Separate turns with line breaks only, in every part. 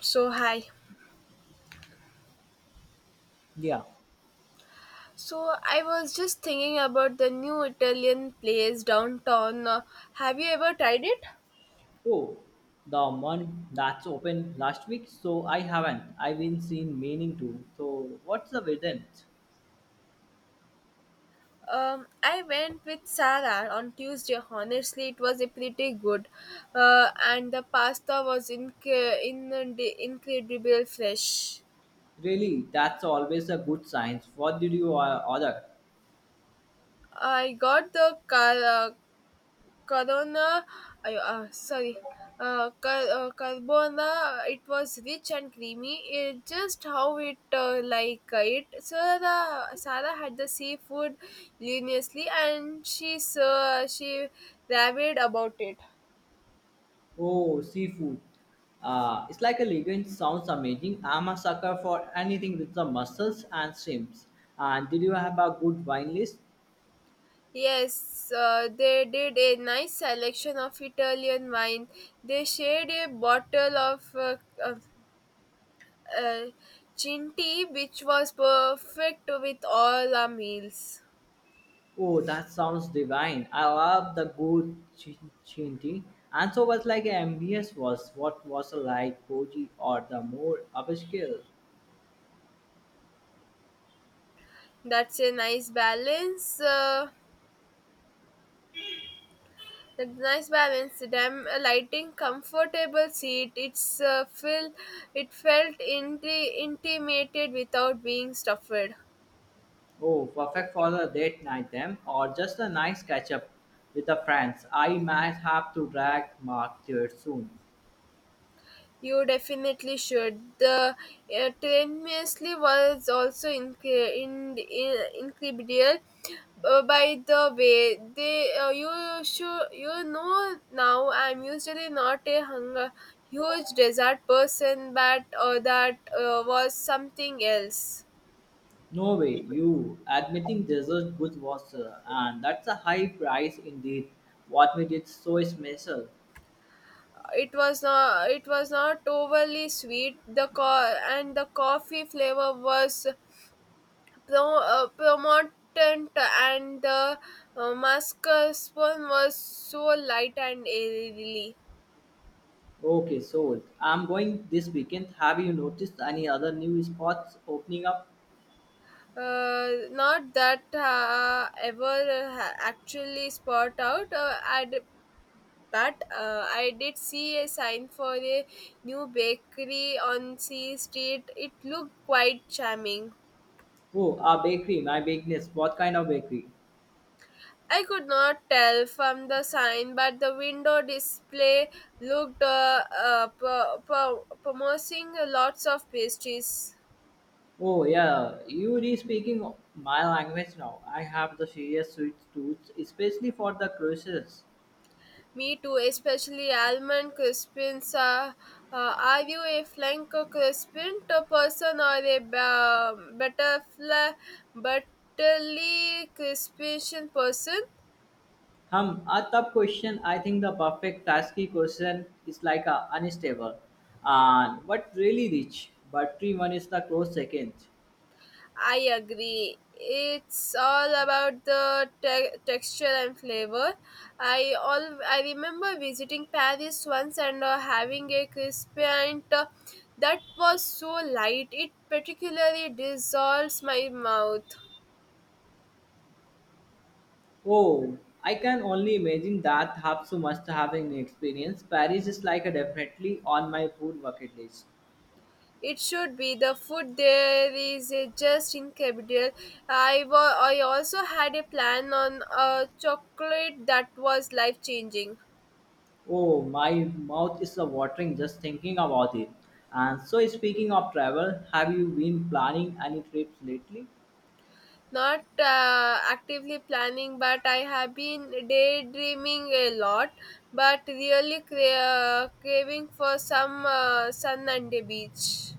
So, hi.
Yeah.
So, I was just thinking about the new Italian place downtown. Have you ever tried it?
Oh, the one that's open last week. So I haven't. I've been seen meaning to. So what's the reason?
I went with Sarah on Tuesday. Honestly, it was a pretty good, and the pasta was inc- in incredible fresh.
Really, that's always a good sign. What did you order?
I got the Corona, sorry, Carbona, it was rich and creamy. It just how it like it. Sarah had the seafood luminously, and she raved about it.
Oh, seafood. It's like a legend. Sounds amazing. I'm a sucker for anything with the mussels and shrimps. And did you have a good wine list?
Yes, they did a nice selection of Italian wine. They shared a bottle of, uh, Chinti, which was perfect with all our meals.
Oh, that sounds divine. I love the good chinti. And so was like MBS was. What was like koji or the more upscale?
That's a nice balance. Damn, lighting, comfortable seat. It's feel. It felt intimated without being stuffed.
Oh, perfect for a date night then or just a nice catch up with the friends. I might have to drag Mark there soon.
You definitely should. The train was also incredible. By the way, they you should you know now. I'm usually not a hunger huge dessert person, but that was something else.
No way, you admitting dessert good was and that's a high price indeed. What made it so special?
It was not overly sweet. The co- and the coffee flavor was. The promotant and the mascarpone was so light and airy.
Okay, sold. I'm going this weekend. Have you noticed any other new spots opening up?
Not that ever actually spot out. I did see a sign for a new bakery on C Street. It looked quite charming.
Oh, a bakery, my business. What kind of bakery?
I could not tell from the sign, but the window display looked promising lots of pastries.
Oh, yeah, you re speaking my language now. I have the serious sweet tooth, especially for the cruises.
Me too, especially almond crispins. Are you a flank crispin person or a ba- butterfly butterly crispin person?
Hum, a tough question. I think the perfect tasky question is like a unstable and but really rich, but 3-1 is the close second.
I agree. It's all about the texture and flavor. I remember visiting Paris once and having a crisp and that was so light. It particularly dissolves my mouth.
Oh, I can only imagine that Hapsu must have an experience. Paris is like a definitely on my food bucket list.
It should be. The food there is just incredible. I also had a plan on a chocolate that was life changing.
Oh, my mouth is a watering just thinking about it. And so speaking of travel, have you been planning any trips lately?
Not actively planning, but I have been daydreaming a lot, but really craving for some sun and a beach.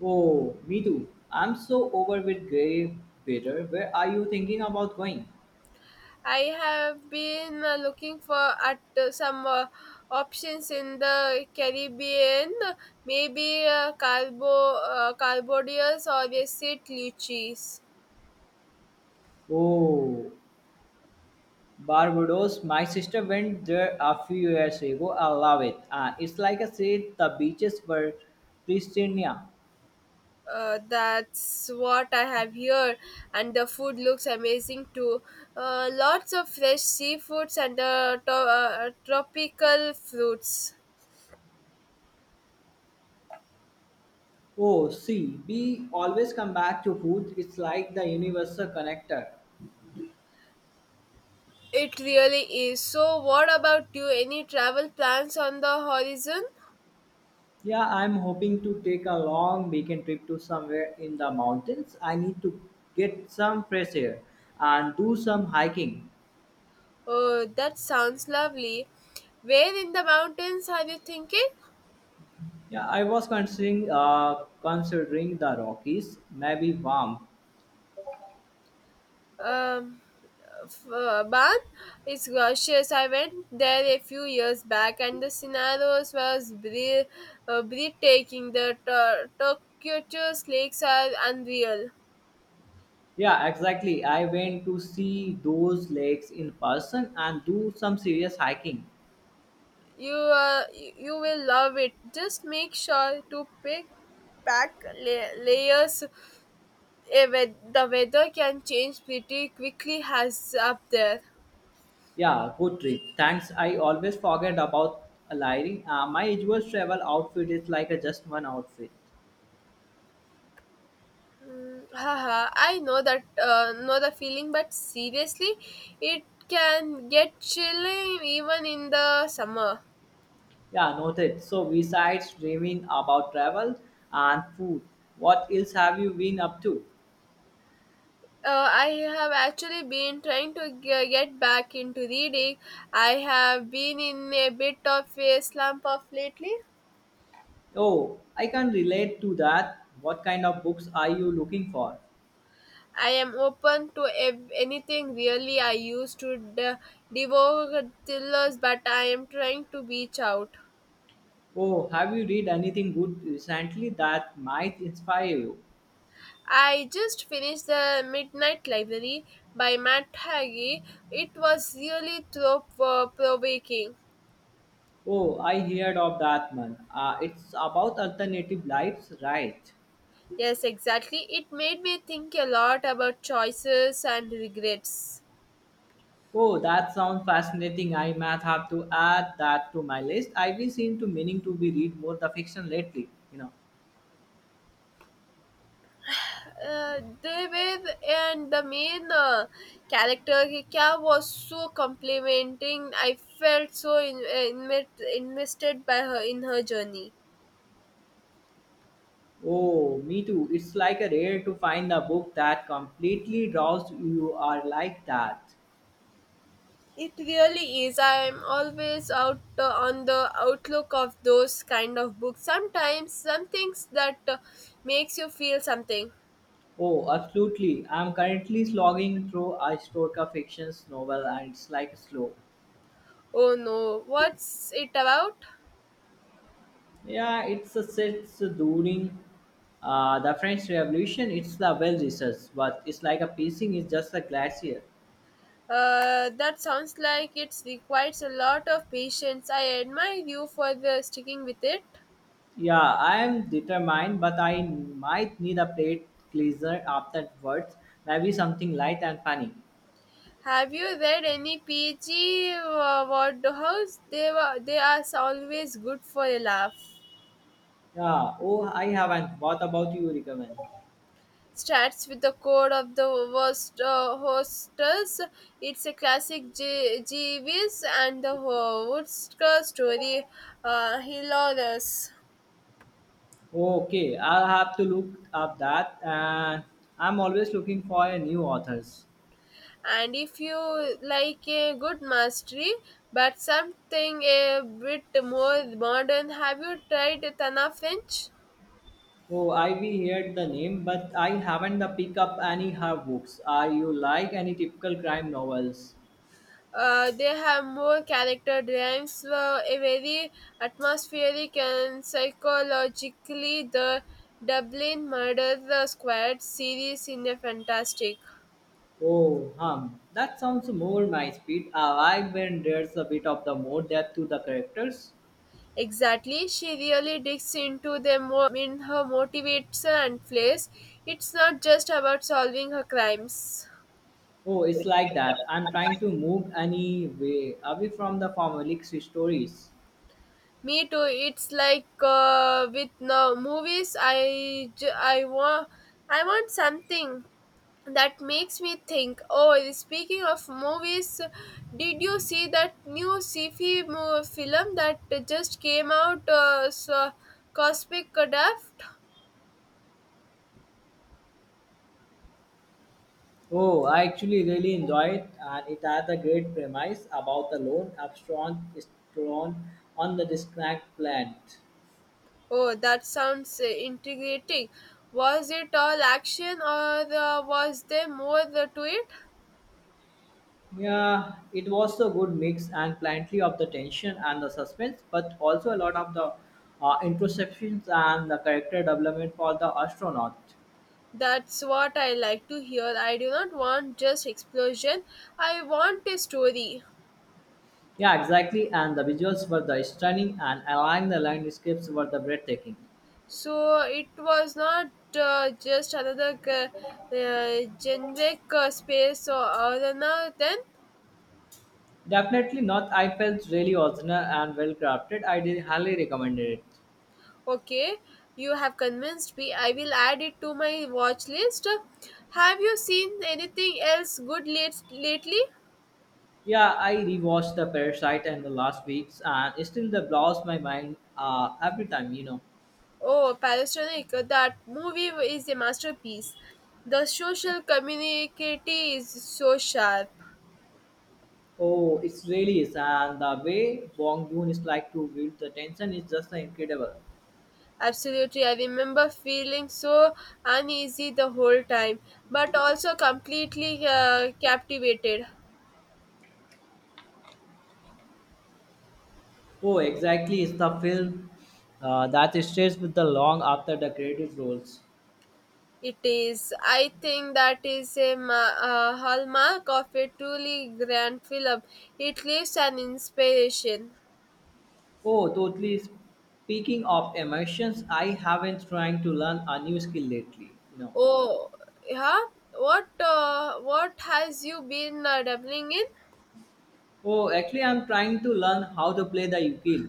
Oh, me too. I'm so over with grey weather. Where are you thinking about going?
I have been looking for at some options in the Caribbean, maybe Carbodias or a St. Lucies.
Oh, Barbados. My sister went there a few years ago. I love it. It's like I said, the beaches were pristine.
That's what I have here, and the food looks amazing too. Lots of fresh seafoods and tropical fruits.
Oh, see, we always come back to food. It's like the universal connector.
It really is. So, what about you? Any travel plans on the horizon?
Yeah, I'm hoping to take a long weekend trip to somewhere in the mountains. I need to get some fresh air and do some hiking.
Oh, that sounds lovely. Where in the mountains are you thinking?
Yeah, I was considering considering the Rockies, maybe warm.
um, Ban is gorgeous. I went there a few years back, and the scenarios was breathtaking. The turquoise lakes are unreal.
Yeah, exactly. I went to see those lakes in person and do some serious hiking.
You will love it. Just make sure to pick pack layers. The weather can change pretty quickly. Has up there.
Yeah, good trip. Thanks. I always forget about layering. My usual travel outfit is like a just one outfit.
Mm, haha, I know that know the feeling, but seriously, it can get chilling even in the summer.
Yeah, noted. So besides dreaming about travel and food, what else have you been up to?
I have actually been trying to get back into reading. I have been in a bit of a slump of lately.
Oh, I can relate to that. What kind of books are you looking for?
I am open to anything really. I used to devour thrillers, but I am trying to reach out.
Oh, have you read anything good recently that might inspire you?
I just finished The Midnight Library by Matt Haggie. It was really thought provoking.
Oh, I heard of that one. It's about alternative lives, right?
Yes, exactly. It made me think a lot about choices and regrets.
Oh, that sounds fascinating. I might have to add that to my list. I we seem to meaning to be read more the fiction lately, you know.
David and the main character Hika was so complimenting. I felt so invested by her in her journey.
Oh, me too. It's like a rare to find a book that completely draws you are like that.
It really is. I'm always out on the outlook of those kind of books. Sometimes some things that makes you feel something.
Oh, absolutely. I'm currently slogging through a historical fiction novel and it's like slow.
Oh no, what's it about?
Yeah, it's a set during the French Revolution. It's the well researched, but it's like a piecing is just a glacier.
That sounds like it requires a lot of patience. I admire you for the sticking with it.
Yeah, I am determined, but I might need a plate cleanser afterwards. Maybe something light and funny.
Have you read any PG Ward House? They are always good for a laugh.
Yeah. Oh, I haven't. What about you? Recommend?
Starts with the code of the worst hostess. It's a classic Jeeves and the Woodsker story, hilarious.
Okay, I'll have to look up that. And I'm always looking for a new authors.
And if you like a good mastery, but something a bit more modern, have you tried Tana French?
Oh, I've heard the name, but I haven't the pick up any her books. Are you like any typical crime novels?
They have more character drawings, a very atmospheric and psychologically the Dublin Murder Squad series in a fantastic.
Oh, hum. That sounds more my speed. I like when there's a bit of the more depth to the characters.
Exactly, she really digs into them mo- in her motivates and flaws. It's not just about solving her crimes.
Oh, it's like that. I'm trying to move anyway. Way away from the formulaic stories.
Me too. It's like with no movies. I want something that makes me think. Oh, speaking of movies, did you see that new sci-fi film that just came out, so Cosmic Craft?
Oh, I actually really enjoy it, and it has a great premise about the lone abscond strong on the disconnect plant.
Oh, that sounds intriguing. Was it all action or was there more to it?
Yeah, it was a good mix and plenty of the tension and the suspense, but also a lot of the introspections and the character development for the astronaut.
That's what I like to hear. I do not want just explosion, I want a story.
Yeah, exactly. And the visuals were the stunning, and allowing the landscapes were the breathtaking.
So it was not uh, just another g- generic space or arena. Then
Definitely not. I felt really original and well crafted. I did highly recommend it.
okay, you have convinced me. I will add it to my watch list. Have you seen anything else good lately?
Yeah, I rewatched the Parasite in the last weeks, and it still the blows my mind every time, you know.
Oh, Palestinian, that movie is a masterpiece. The social community is so sharp.
Oh, it really is, and the way Bong Joon is like to build the tension is just incredible.
Absolutely. I remember feeling so uneasy the whole time, but also completely captivated.
Oh, exactly, it's the film that stays with the long after the credits rolls.
It is. I think that is a hallmark of a truly grand film. It leaves an inspiration.
Oh, totally. Speaking of emotions, I haven't trying to learn a new skill lately, you know.
Oh, yeah. What has you been dabbling in?
Oh, actually, I'm trying to learn how to play the ukulele.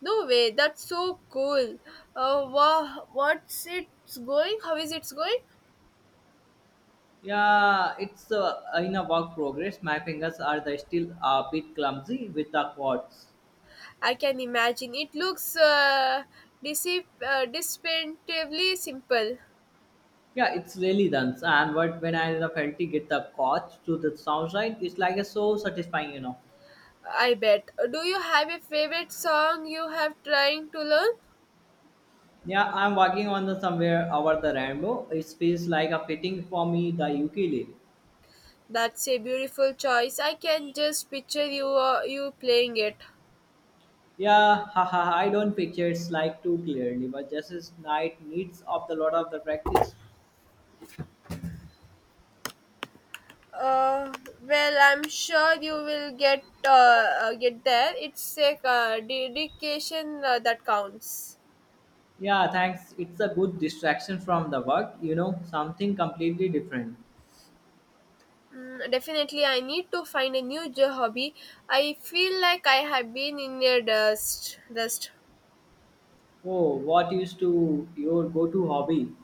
No way. That's so cool. Wow. What's it's going? How is it's going?
Yeah, it's in a work progress. My fingers are the still a bit clumsy with the chords.
I can imagine. It looks distinctively simple.
Yeah, it's really done. And what when I finally get the coach to the sound right, it's like a so satisfying, you know.
I bet. Do you have a favorite song you have trying to learn?
Yeah, I'm working on the somewhere over the rainbow. It feels like a fitting for me the ukulele.
That's a beautiful choice. I can just picture you playing it.
Yeah, haha, I don't picture it's like too clearly, but just as night needs of the lot of the practice.
Uh, well, I'm sure you will get there. It's a dedication that counts.
Yeah, thanks. It's a good distraction from the work, you know, something completely different.
Mm, definitely, I need to find a new hobby. I feel like I have been in a dust. Dust.
Oh, what used to your go-to hobby?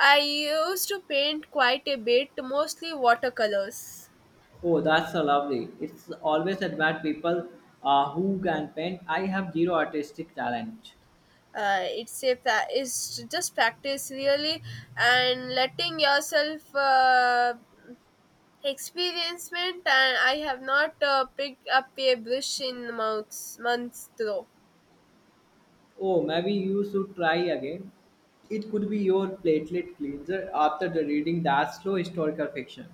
I used to paint quite a bit, mostly watercolors.
Oh, that's so lovely. It's always admired people who can paint. I have zero artistic talent.
It's just practice really and letting yourself experiencement, and I have not picked up a brush in months though.
Oh, maybe you should try again. It could be your platelet cleanser after the reading that slow historical fiction.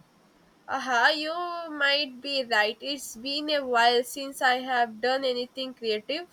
Aha, you might be right. It's been a while since I have done anything creative.